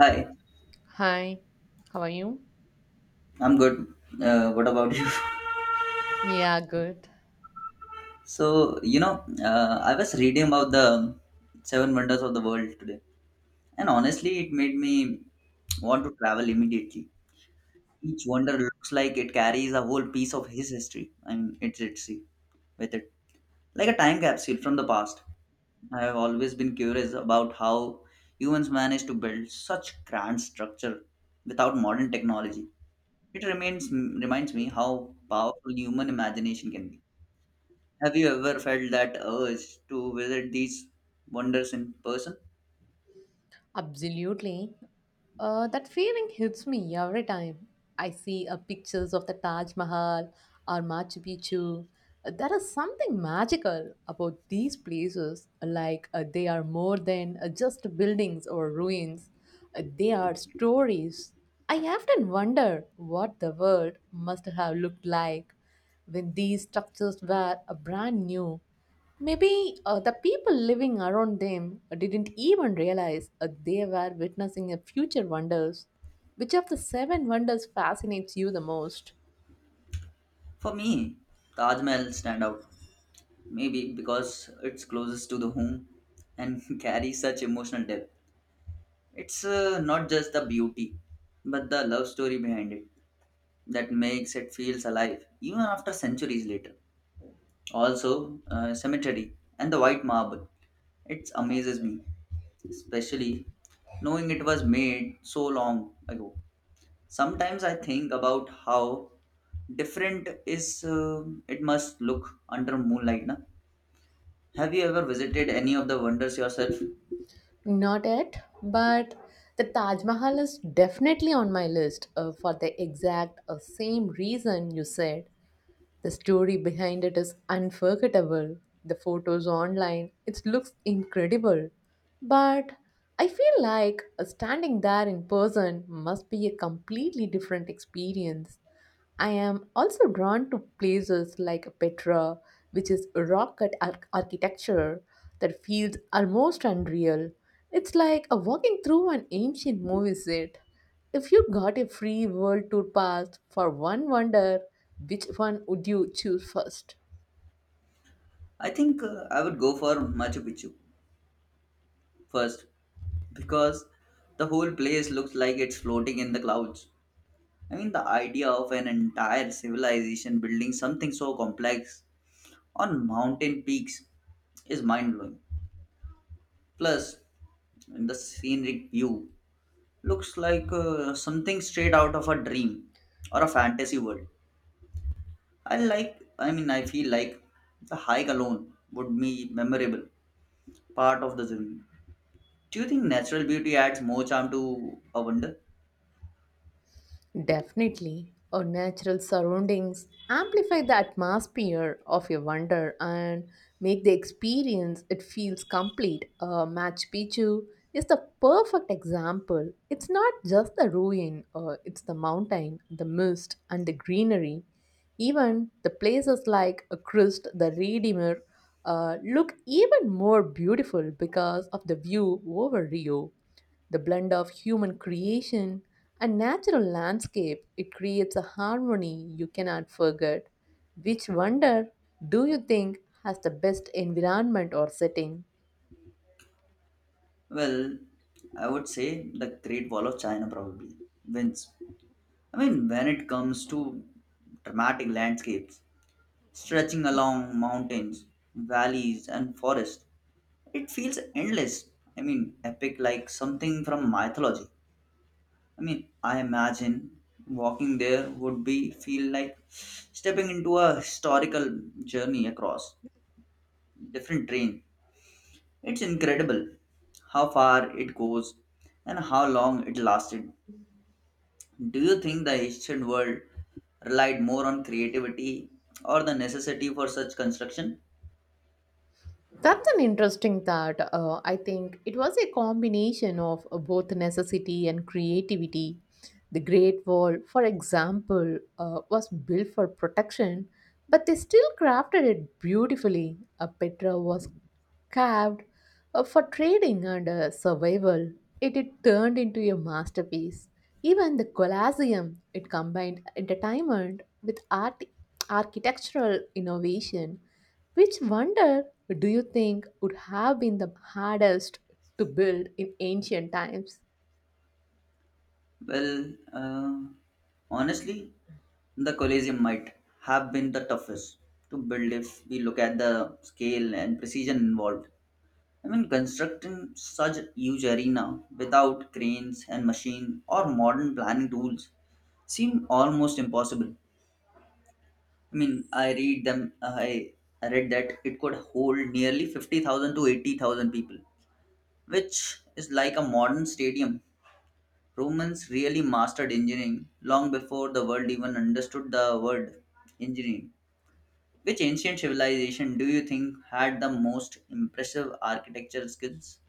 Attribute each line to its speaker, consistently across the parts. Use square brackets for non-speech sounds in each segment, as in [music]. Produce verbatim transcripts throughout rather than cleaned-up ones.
Speaker 1: Hi,
Speaker 2: Hi, how are you?
Speaker 1: I'm good. Uh, what about you? [laughs]
Speaker 2: Yeah, good.
Speaker 1: So, you know, uh, I was reading about the seven wonders of the world today, and honestly, it made me want to travel immediately. Each wonder looks like it carries a whole piece of his history, and it's at sea with it, like a time capsule from the past. I have always been curious about how humans managed to build such grand structure without modern technology. It remains reminds me how powerful human imagination can be. Have you ever felt that urge to visit these wonders in person?
Speaker 2: Absolutely. Uh, that feeling hits me every time I see uh, pictures of the Taj Mahal or Machu Picchu. There is something magical about these places, like uh, they are more than uh, just buildings or ruins. Uh, they are stories. I often wonder what the world must have looked like when these structures were uh, brand new. Maybe uh, the people living around them didn't even realize uh, they were witnessing a future wonders. Which of the seven wonders fascinates you the most?
Speaker 1: For me, Taj Mahal stand out. Maybe because it's closest to the home and [laughs] carries such emotional depth. It's uh, not just the beauty, but the love story behind it that makes it feels alive even after centuries later. Also, uh, cemetery and the white marble. It amazes me, especially knowing it was made so long ago. Sometimes I think about how different is uh, it must look under moonlight na. Have you ever visited any of the wonders yourself?
Speaker 2: Not yet, but the Taj Mahal is definitely on my list uh, for the exact uh, same reason you said. The story behind it is unforgettable. The photos online, it looks incredible. But I feel like standing there in person must be a completely different experience. I am also drawn to places like Petra, which is rock cut ar- architecture that feels almost unreal. It's like a walking through an ancient movie set. If you got a free world tour pass for one wonder, which one would you choose first?
Speaker 1: I think uh, I would go for Machu Picchu first because the whole place looks like it's floating in the clouds. I mean, the idea of an entire civilization building something so complex on mountain peaks is mind blowing. Plus, the scenic view looks like uh, something straight out of a dream or a fantasy world. I like, I mean, I feel like the hike alone would be memorable, part of the journey. Do you think natural beauty adds more charm to a wonder?
Speaker 2: Definitely. Our natural surroundings amplify the atmosphere of your wonder and make the experience it feels complete. Uh, Machu Picchu is the perfect example. It's not just the ruin, uh, it's the mountain, the mist, and the greenery. Even the places like uh, Christ the Redeemer uh, look even more beautiful because of the view over Rio. The blend of human creation and natural landscape, it creates a harmony you cannot forget. Which wonder do you think has the best environment or setting?
Speaker 1: Well, I would say the Great Wall of China probably wins. I mean, when it comes to dramatic landscapes stretching along mountains, valleys, and forests, it feels endless. I mean, epic like something from mythology. I mean, I imagine walking there would be feel like stepping into a historical journey across different terrain. It's incredible how far it goes and how long it lasted. Do you think the ancient world relied more on creativity or the necessity for such construction?
Speaker 2: That's an interesting thought. Uh, I think it was a combination of uh, both necessity and creativity. The Great Wall, for example, uh, was built for protection, but they still crafted it beautifully. Uh, Petra was carved uh, for trading and uh, survival, it, it turned into a masterpiece. Even the Colosseum, it combined entertainment with art, architectural innovation. Which wonder do you think would have been the hardest to build in ancient times?
Speaker 1: Well, uh, honestly, the Colosseum might have been the toughest to build if we look at the scale and precision involved. I mean, constructing such huge arena without cranes and machine or modern planning tools seemed almost impossible. I mean, I read them. I I read that it could hold nearly fifty thousand to eighty thousand people, which is like a modern stadium. Romans really mastered engineering long before the world even understood the word engineering. Which ancient civilization do you think had the most impressive architectural skills?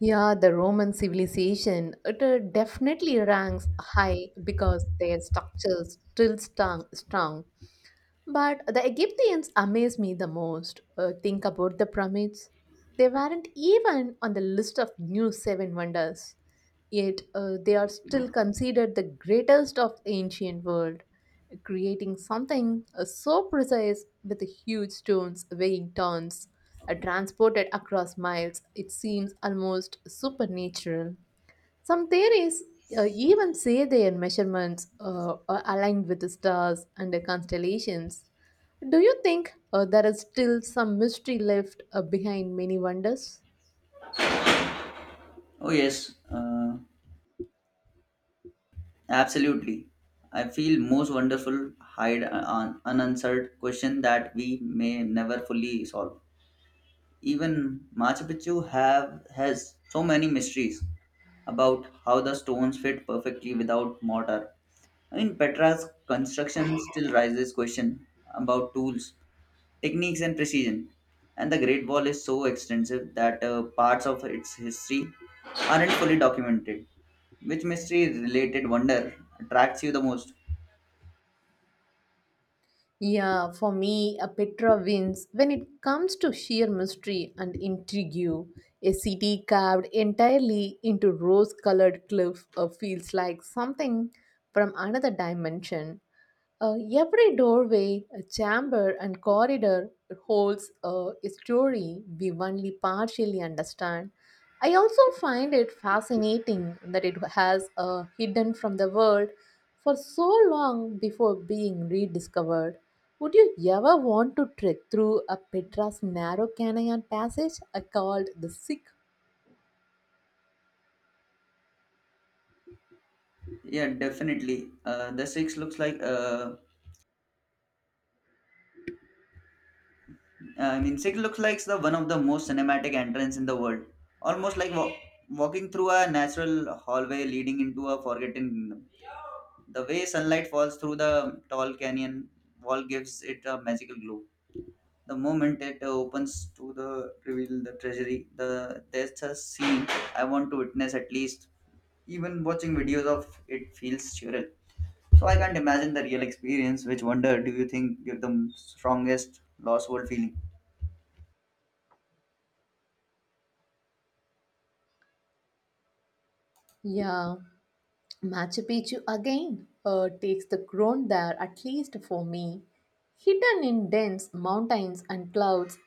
Speaker 2: Yeah, the Roman civilization, it uh, definitely ranks high because their structures still strong, strong But the Egyptians amaze me the most. Uh, think about the pyramids. They weren't even on the list of new seven wonders. Yet uh, they are still considered the greatest of the ancient world, creating something uh, so precise with the huge stones weighing tons, uh, transported across miles. It seems almost supernatural. Some theories uh, even say their measurements uh, are aligned with the stars and the constellations. Do you think uh, there is still some mystery left uh, behind many wonders?
Speaker 1: Oh yes. Uh, Absolutely. I feel most wonderful hide an unanswered question that we may never fully solve. Even Machu Picchu have has so many mysteries about how the stones fit perfectly without mortar. I mean, Petra's construction still raises question about tools, techniques, and precision. And the Great Wall is so extensive that uh, parts of its history aren't fully documented. Which mystery related wonder attracts you the most?
Speaker 2: Yeah, for me, a Petra wins when it comes to sheer mystery and intrigue. A city carved entirely into rose colored cliff uh, feels like something from another dimension. Uh, every doorway, a chamber, and corridor holds uh, a story we only partially understand. I also find it fascinating that it has uh, hidden from the world for so long before being rediscovered. Would you ever want to trek through a Petra's narrow canyon passage uh, called the Sick?
Speaker 1: Yeah, definitely. Uh, the six looks like uh, I mean, six looks like the one of the most cinematic entrance in the world. Almost like wa- walking through a natural hallway leading into a forgotten kingdom. The way sunlight falls through the tall canyon wall gives it a magical glow. The moment it opens to the reveal the treasury, the there's a scene I want to witness at least. Even watching videos of it feels surreal. So I can't imagine the real experience. Which wonder do you think give the strongest lost world feeling?
Speaker 2: Yeah, Machu Picchu again uh, takes the crown there, at least for me. Hidden in dense mountains and clouds,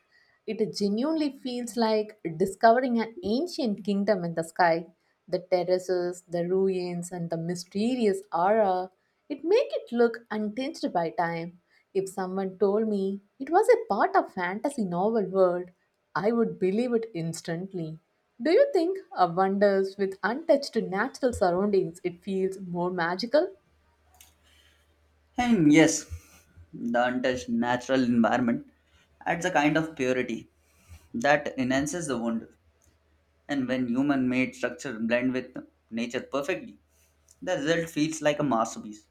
Speaker 2: it genuinely feels like discovering an ancient kingdom in the sky. The terraces, the ruins, and the mysterious aura, it make it look untinged by time. If someone told me it was a part of fantasy novel world, I would believe it instantly. Do you think a wonders with untouched natural surroundings it feels more magical?
Speaker 1: And yes, the untouched natural environment adds a kind of purity that enhances the wonder. And when human made structure blend with nature perfectly, the result feels like a masterpiece.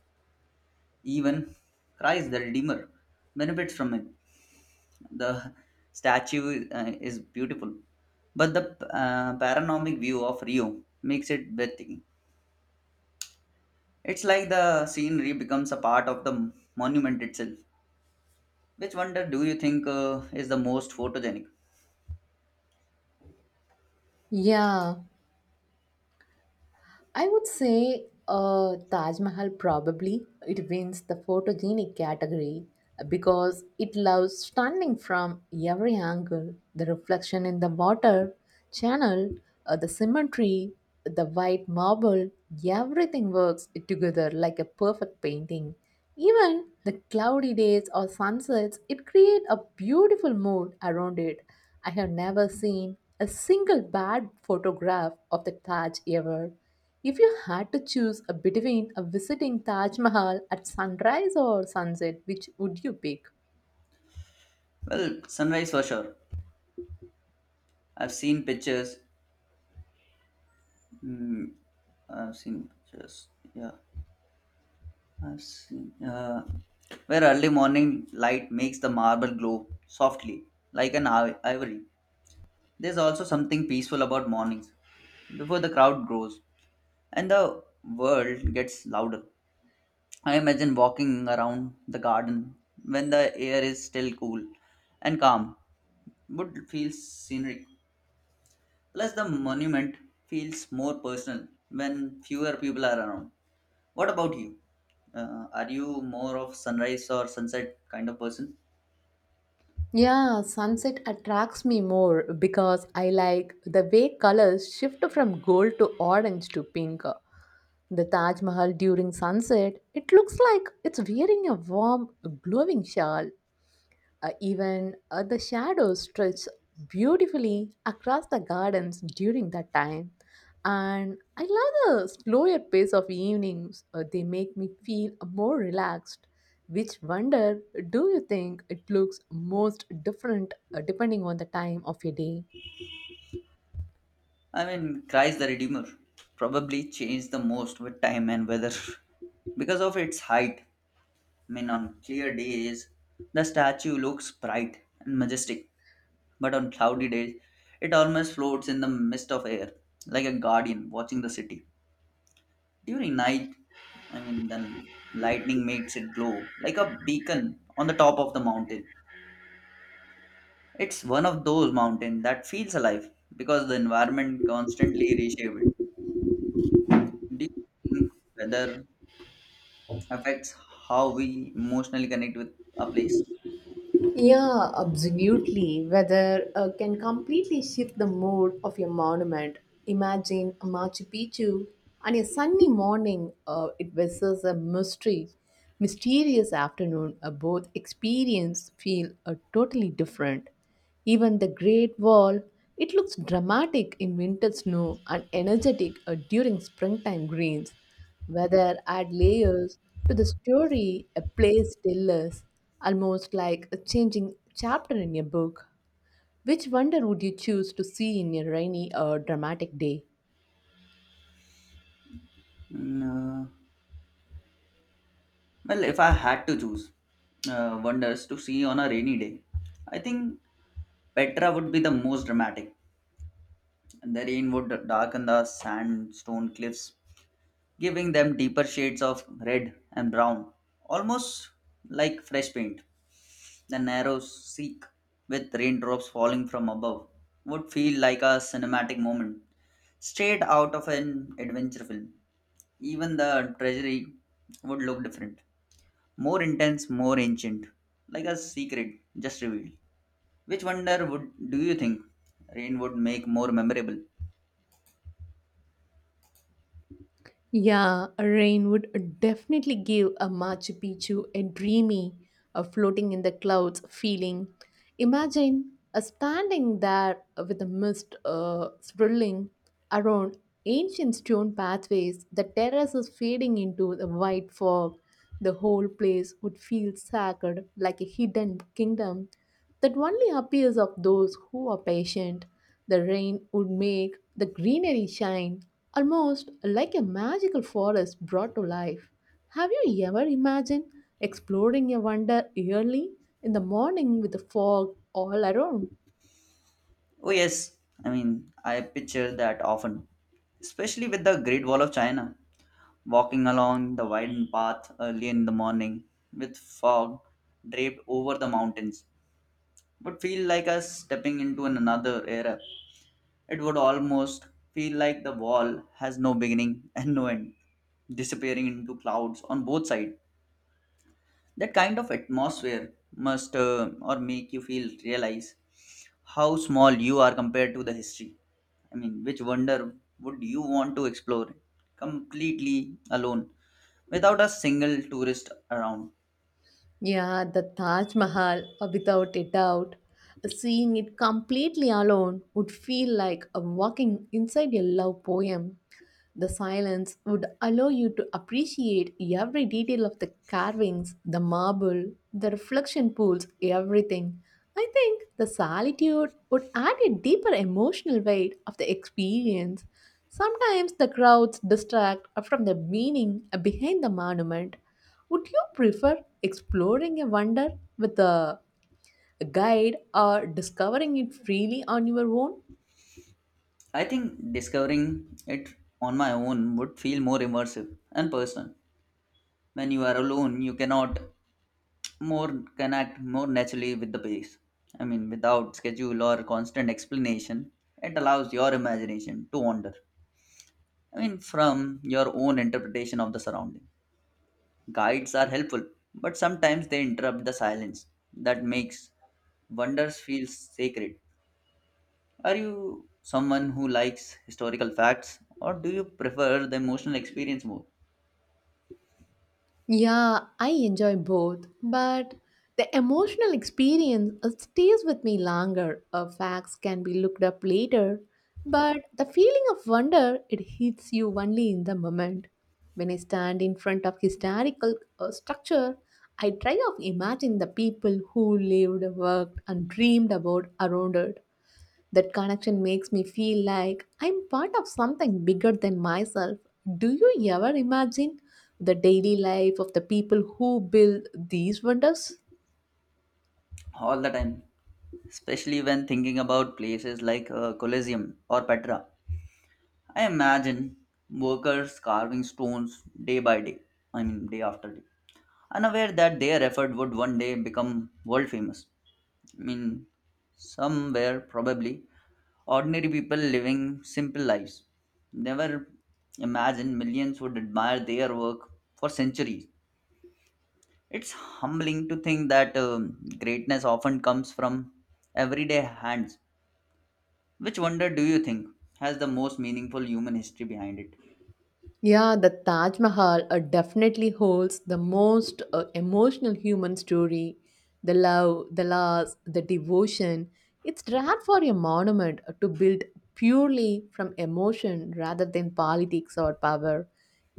Speaker 1: Even Christ the Redeemer benefits from it. The statue uh, is beautiful, but the uh, panoramic view of Rio makes it breathtaking. It's like the scenery becomes a part of the monument itself. Which wonder do you think uh, is the most photogenic?
Speaker 2: Yeah, I would say uh, Taj Mahal probably it wins the photogenic category uh, because it loves stunning from every angle. The reflection in the water channel, uh, the symmetry, the white marble, everything works together like a perfect painting. Even the cloudy days or sunsets, it create a beautiful mood around it. I have never seen a single bad photograph of the Taj ever if you had to choose a between a visiting Taj Mahal at sunrise or sunset, which would you pick?
Speaker 1: Well, sunrise for sure. I've seen pictures. Mm, I've seen pictures. Yeah, I've seen, uh, where early morning light makes the marble glow softly, like an iv- ivory. There's also something peaceful about mornings before the crowd grows and the world gets louder. I imagine walking around the garden when the air is still cool and calm would feel scenic. Plus, the monument feels more personal when fewer people are around. What about you? Uh, are you more of sunrise or sunset kind of person?
Speaker 2: Yeah, sunset attracts me more because I like the way colors shift from gold to orange to pink. The Taj Mahal during sunset, it looks like it's wearing a warm, glowing shawl. Uh, even uh, the shadows stretch beautifully across the gardens during that time. And I love the slower pace of evenings. Uh, they make me feel more relaxed. Which wonder do you think it looks most different uh, depending on the time of your day?
Speaker 1: I mean, Christ the Redeemer probably changed the most with time and weather [laughs] because of its height. I mean, on clear days, the statue looks bright and majestic, but on cloudy days, it almost floats in the mist of air like a guardian watching the city. During night, I mean, the lightning makes it glow like a beacon on the top of the mountain. It's one of those mountains that feels alive because the environment constantly reshapes it. Do you think weather affects how we emotionally connect with a place?
Speaker 2: Yeah, absolutely. Weather uh, can completely shift the mood of your monument. Imagine a Machu Picchu on a sunny morning. Uh, it versus a mystery, mysterious afternoon. Uh, both experience feel uh, totally different. Even the Great Wall, it looks dramatic in winter snow and energetic uh, during springtime greens. Weather add layers to the story a place still is, almost like a changing chapter in a book. Which wonder would you choose to see in a rainy or dramatic day?
Speaker 1: Mm, uh, well, if I had to choose uh, wonders to see on a rainy day, I think Petra would be the most dramatic. The rain would darken the sandstone cliffs, giving them deeper shades of red and brown, almost like fresh paint. The narrow streak with raindrops falling from above would feel like a cinematic moment straight out of an adventure film. Even the treasury would look different, more intense, more ancient, like a secret just revealed. Which wonder would do you think rain would make more memorable?
Speaker 2: Yeah, rain would definitely give a Machu Picchu a dreamy, a floating in the clouds feeling. Imagine a standing there with the mist uh, swirling around ancient stone pathways, the terraces fading into the white fog. The whole place would feel sacred, like a hidden kingdom that only appears of those who are patient. The rain would make the greenery shine, almost like a magical forest brought to life. Have you ever imagined exploring a wonder early in the morning with the fog all around?
Speaker 1: Oh yes, I mean, I picture that often, especially with the Great Wall of China. Walking along the widened path early in the morning with fog draped over the mountains would feel like us stepping into an- another era. It would almost feel like the wall has no beginning and no end, disappearing into clouds on both sides. That kind of atmosphere must uh, or make you feel realize how small you are compared to the history. I mean, which wonder would you want to explore completely alone without a single tourist around?
Speaker 2: Yeah, the Taj Mahal, uh, without a doubt. Seeing it completely alone would feel like a walking inside a love poem. The silence would allow you to appreciate every detail of the carvings, the marble, the reflection pools, everything. I think the solitude would add a deeper emotional weight of the experience. Sometimes the crowds distract from the meaning behind the monument. Would you prefer exploring a wonder with a guide or discovering it freely on your own?
Speaker 1: I think discovering it on my own would feel more immersive and personal. When you are alone, you cannot more connect more naturally with the place. I mean, without schedule or constant explanation, it allows your imagination to wander. I mean, from your own interpretation of the surrounding. Guides are helpful, but sometimes they interrupt the silence that makes wonders feel sacred. Are you someone who likes historical facts, or do you prefer the emotional experience more?
Speaker 2: Yeah, I enjoy both, but the emotional experience uh, stays with me longer. Uh, facts can be looked up later, but the feeling of wonder it hits you only in the moment. When I stand in front of historical uh, structure, I try to imagine the people who lived, worked, and dreamed about around it. That connection makes me feel like I'm part of something bigger than myself. Do you ever imagine the daily life of the people who build these wonders?
Speaker 1: All the time, especially when thinking about places like uh, Colosseum or Petra. I imagine workers carving stones day by day, I mean, day after day, unaware that their effort would one day become world famous. I mean, somewhere probably ordinary people living simple lives never imagined millions would admire their work for centuries. It's humbling to think that um, greatness often comes from everyday hands. Which wonder do you think has the most meaningful human history behind it?
Speaker 2: Yeah, the Taj Mahal uh, definitely holds the most uh, emotional human story. The love, the loss, the devotion. It's rare for a monument uh, to build purely from emotion rather than politics or power.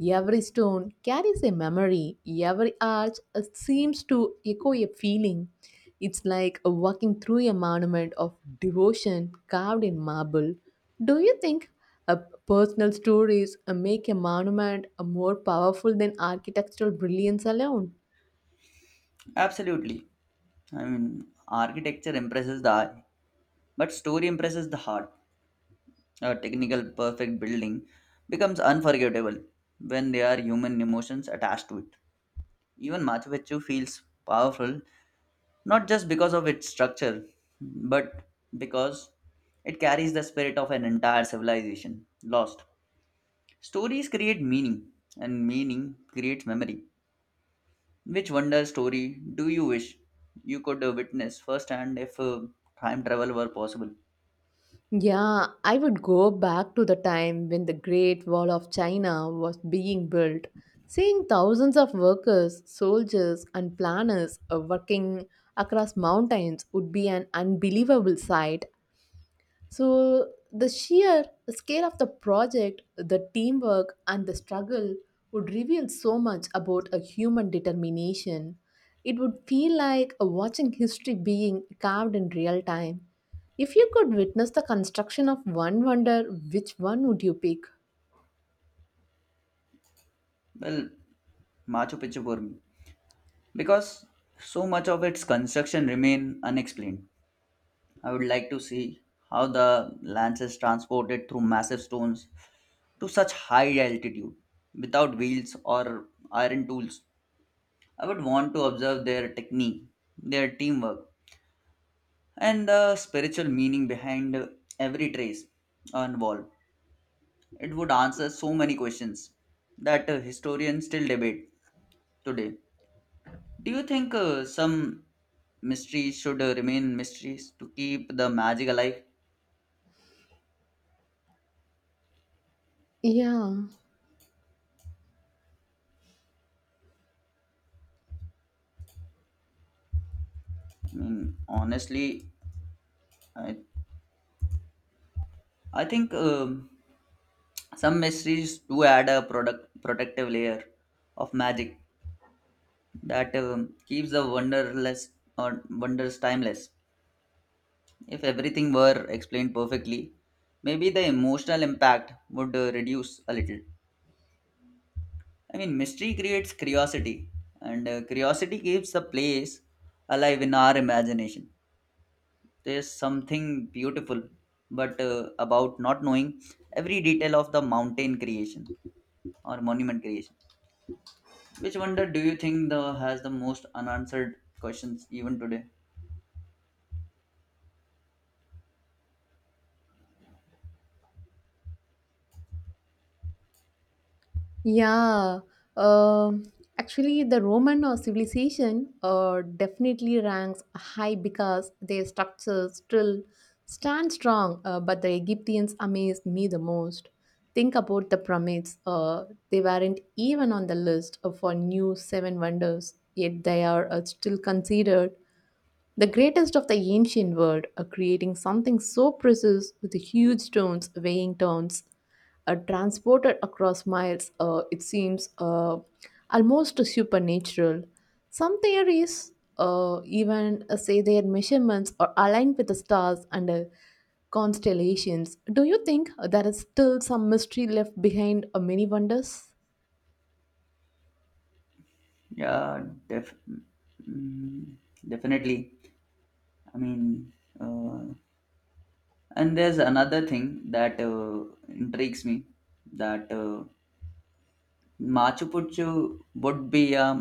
Speaker 2: Every stone carries a memory, every arch uh, seems to echo a feeling. It's like walking through a monument of devotion carved in marble. Do you think uh, personal stories uh, make a monument uh, more powerful than architectural brilliance alone?
Speaker 1: Absolutely. I mean, architecture impresses the eye, but story impresses the heart. A technical perfect building becomes unforgettable when there are human emotions attached to it. Even Machu Picchu feels powerful not just because of its structure, but because it carries the spirit of an entire civilization lost. Stories create meaning, and meaning creates memory. Which wonder story do you wish you could uh, witness firsthand if uh, time travel were possible?
Speaker 2: Yeah, I would go back to the time when the Great Wall of China was being built, seeing thousands of workers, soldiers, and planners uh, working across mountains would be an unbelievable sight. So, the sheer scale of the project, the teamwork, and the struggle would reveal so much about a human determination. It would feel like a watching history being carved in real time. If you could witness the construction of one wonder, which one would you pick?
Speaker 1: Well, Machu Picchu for me. Because so much of its construction remain unexplained. I would like to see how the lance is transported through massive stones to such high altitude without wheels or iron tools. I would want to observe their technique, their teamwork, and the spiritual meaning behind every trace on wall. It would answer so many questions that uh, historians still debate today. Do you think uh, some mysteries should uh, remain mysteries to keep the magic alive?
Speaker 2: Yeah.
Speaker 1: I mean, honestly, I, I think um, some mysteries do add a product protective layer of magic that um, keeps the wonderless or wonders timeless. If everything were explained perfectly, maybe the emotional impact would uh, reduce a little. I mean, mystery creates curiosity, and uh, curiosity keeps the place alive in our imagination. There's something beautiful but uh, about not knowing every detail of the mountain creation or monument creation. Which wonder do you think the has the most unanswered questions even today.
Speaker 2: Yeah, um, actually, the Roman uh, civilization uh, definitely ranks high because their structure still stand strong. Uh, but the Egyptians amazed me the most. Think about the pyramids; uh, they weren't even on the list uh, for new seven wonders, yet they are uh, still considered the greatest of the ancient world are creating something so precious with huge stones weighing tons, uh, transported across miles. Uh, it seems uh, almost supernatural. Some theories uh, even uh, say their measurements are aligned with the stars and uh, constellations. Do you think there is still some mystery left behind uh, many wonders?
Speaker 1: Yeah, def- mm, definitely. I mean, uh, and there's another thing that uh, intrigues me that uh, Machu Picchu would be um,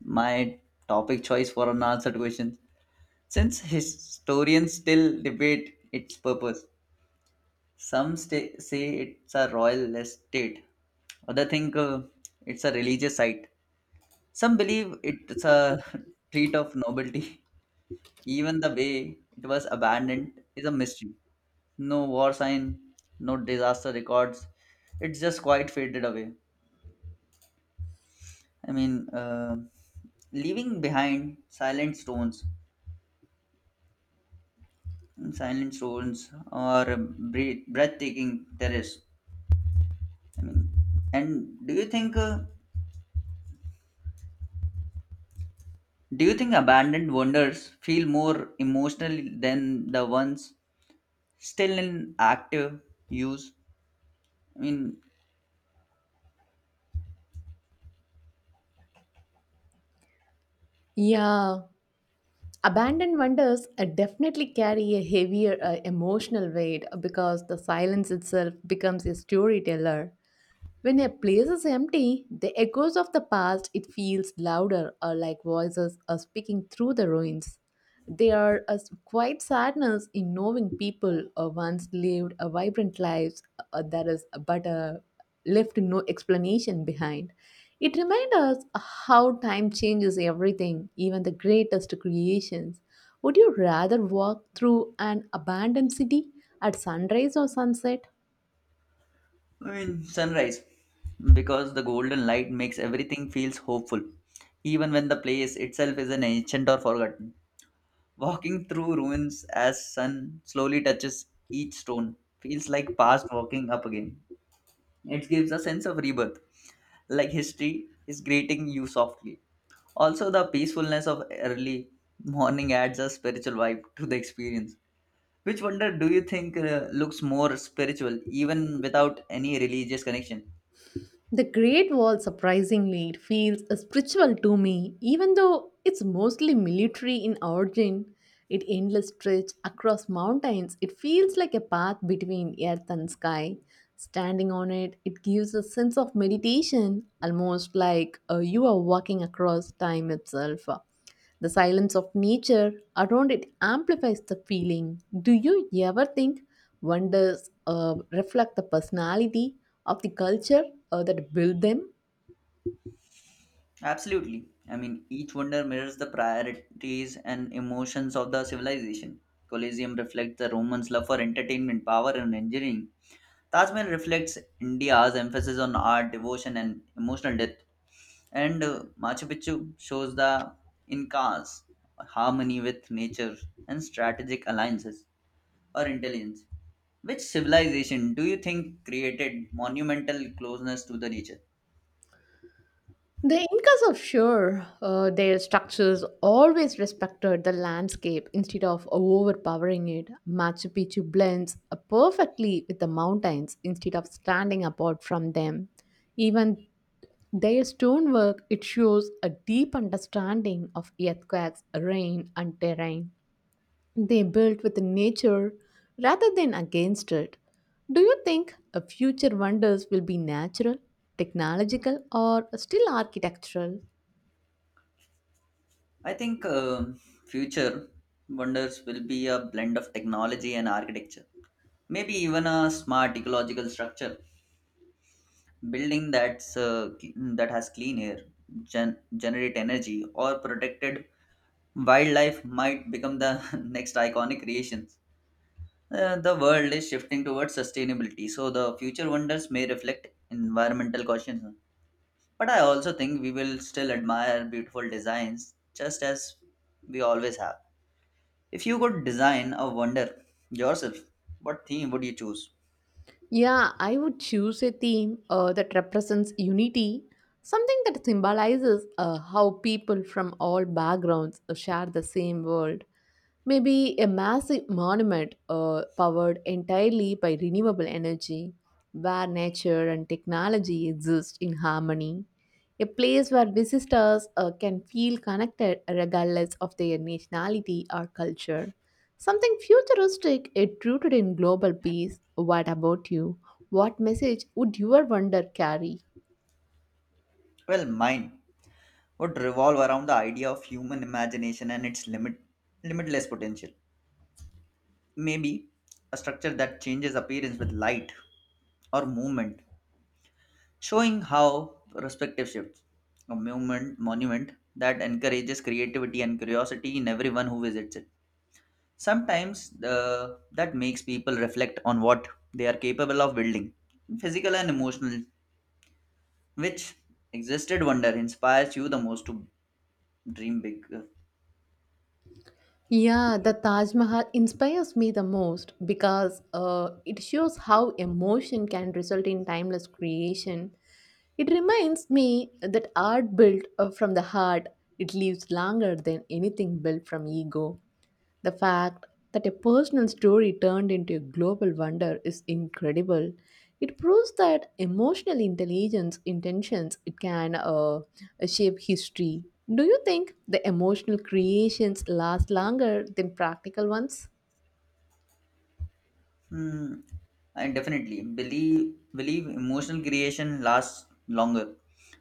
Speaker 1: my topic choice for unanswered questions. Since historians still debate its purpose, some sta say it's a royal estate, others think uh, it's a religious site. Some believe it's a [laughs] treat of nobility. Even the way it was abandoned is a mystery. No war sign, no disaster records. It's just quite faded away. I mean, uh, leaving behind silent stones, silent stones, or breath- breathtaking terrace. I mean, and do you think uh, do you think abandoned wonders feel more emotional than the ones still in active use? I mean,
Speaker 2: Yeah, abandoned wonders uh, definitely carry a heavier uh, emotional weight uh, because the silence itself becomes a storyteller. When a place is empty, the echoes of the past it feels louder or like voices are speaking through the ruins. There are a s- quiet sadness in knowing people uh, once lived a vibrant lives uh, that is but uh, left no explanation behind. It reminds us how time changes everything, even the greatest creations. Would you rather walk through an abandoned city at sunrise or sunset?
Speaker 1: I mean sunrise because the golden light makes everything feels hopeful, even when the place itself is an ancient or forgotten. Walking through ruins as sun slowly touches each stone feels like past walking up again. It gives a sense of rebirth, like history is greeting you softly. Also, the peacefulness of early morning adds a spiritual vibe to the experience. Which wonder do you think uh, looks more spiritual even without any religious connection?
Speaker 2: The Great Wall, surprisingly, it feels spiritual to me, even though it's mostly military in origin. It endless stretch across mountains. It feels like a path between earth and sky. Standing on it, it gives a sense of meditation, almost like uh, you are walking across time itself. The silence of nature around it amplifies the feeling. Do you ever think wonders uh, reflect the personality of the culture uh, that built them?
Speaker 1: Absolutely. I mean, each wonder mirrors the priorities and emotions of the civilization. Colosseum reflects the Romans' love for entertainment, power, and engineering. Taj Mahal reflects India's emphasis on art, devotion, and emotional depth. And uh, Machu Picchu shows the Incas' harmony with nature and strategic alliances or intelligence. Which civilization do you think created monumental closeness to the nature?
Speaker 2: The Incas of sure, uh, their structures always respected the landscape instead of overpowering it. Machu Picchu blends uh, perfectly with the mountains instead of standing apart from them. Even their stonework it shows a deep understanding of earthquakes, rain, and terrain. They built with nature rather than against it. Do you think a future wonders will be natural, technological, or still architectural?
Speaker 1: I think um future wonders will be a blend of technology and architecture. Maybe even a smart ecological structure, building that's uh, cl- that has clean air, gen- generate energy, or protected wildlife might become the [laughs] next iconic creations. Uh, the world is shifting towards sustainability, so the future wonders may reflect environmental caution. But I also think we will still admire beautiful designs just as we always have. If you could design a wonder yourself, what theme would you choose?
Speaker 2: Yeah, I would choose a theme uh, that represents unity, something that symbolizes uh, how people from all backgrounds uh, share the same world. Maybe a massive monument uh, powered entirely by renewable energy, where nature and technology exist in harmony. A place where visitors uh, can feel connected regardless of their nationality or culture. Something futuristic, yet rooted in global peace. What about you? What message would your wonder carry?
Speaker 1: Well, mine would revolve around the idea of human imagination and its limit, limitless potential. Maybe a structure that changes appearance with light or movement showing how perspective shifts. A monument, monument that encourages creativity and curiosity in everyone who visits it. Sometimes the, that makes people reflect on what they are capable of building, physical and emotional. Which existed wonder inspires you the most to dream big? uh,
Speaker 2: Yeah, the Taj Mahal inspires me the most because uh, it shows how emotion can result in timeless creation. It reminds me that art built uh, from the heart, it lives longer than anything built from ego. The fact that a personal story turned into a global wonder is incredible. It proves that emotional intelligence intentions it can uh, shape history. Do you think the emotional creations last longer than practical ones?
Speaker 1: Hmm. And definitely believe believe emotional creation lasts longer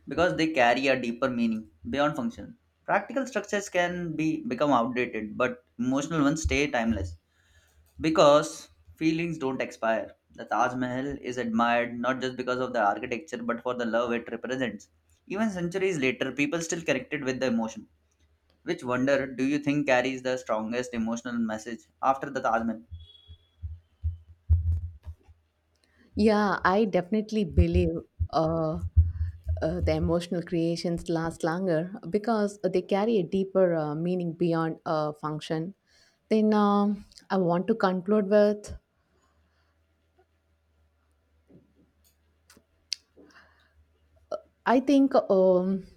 Speaker 1: because they carry a deeper meaning beyond function. Practical structures can be become outdated, but emotional ones stay timeless because feelings don't expire. The Taj Mahal is admired not just because of the architecture but for the love it represents. Even centuries later, people still connected with the emotion. Which wonder do you think carries the strongest emotional message after the Taj Mahal?
Speaker 2: Yeah, I definitely believe uh, uh, the emotional creations last longer because they carry a deeper uh, meaning beyond uh, function. Then um I want to conclude with I think um,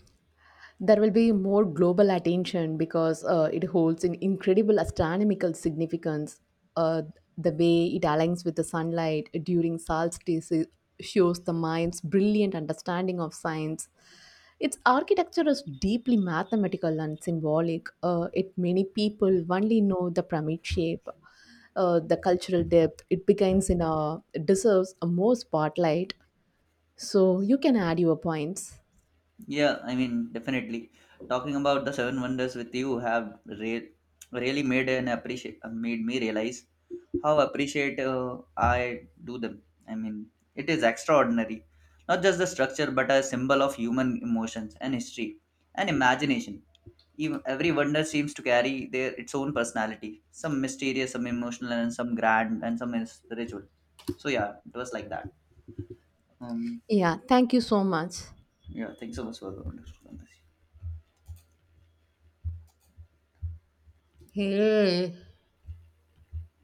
Speaker 2: there will be more global attention because uh, it holds an incredible astronomical significance. Uh, the way it aligns with the sunlight during solstice shows the mind's brilliant understanding of science. Its architecture is deeply mathematical and symbolic. Uh, it many people only know the pyramid shape, uh, the cultural depth. It begins in a it deserves a more spotlight. So you can add your points.
Speaker 1: Yeah, I mean, definitely. Talking about the seven wonders with you have re- really made an appreciate uh, made me realize how appreciate uh, I do them. I mean, it is extraordinary, not just the structure, but a symbol of human emotions and history and imagination. Even every wonder seems to carry their its own personality, some mysterious, some emotional, and some grand, and some is spiritual. So yeah, it was like that. Um,
Speaker 2: Yeah, thank you so much.
Speaker 1: yeah, thanks so much for the wonderful conversation.
Speaker 2: Hey,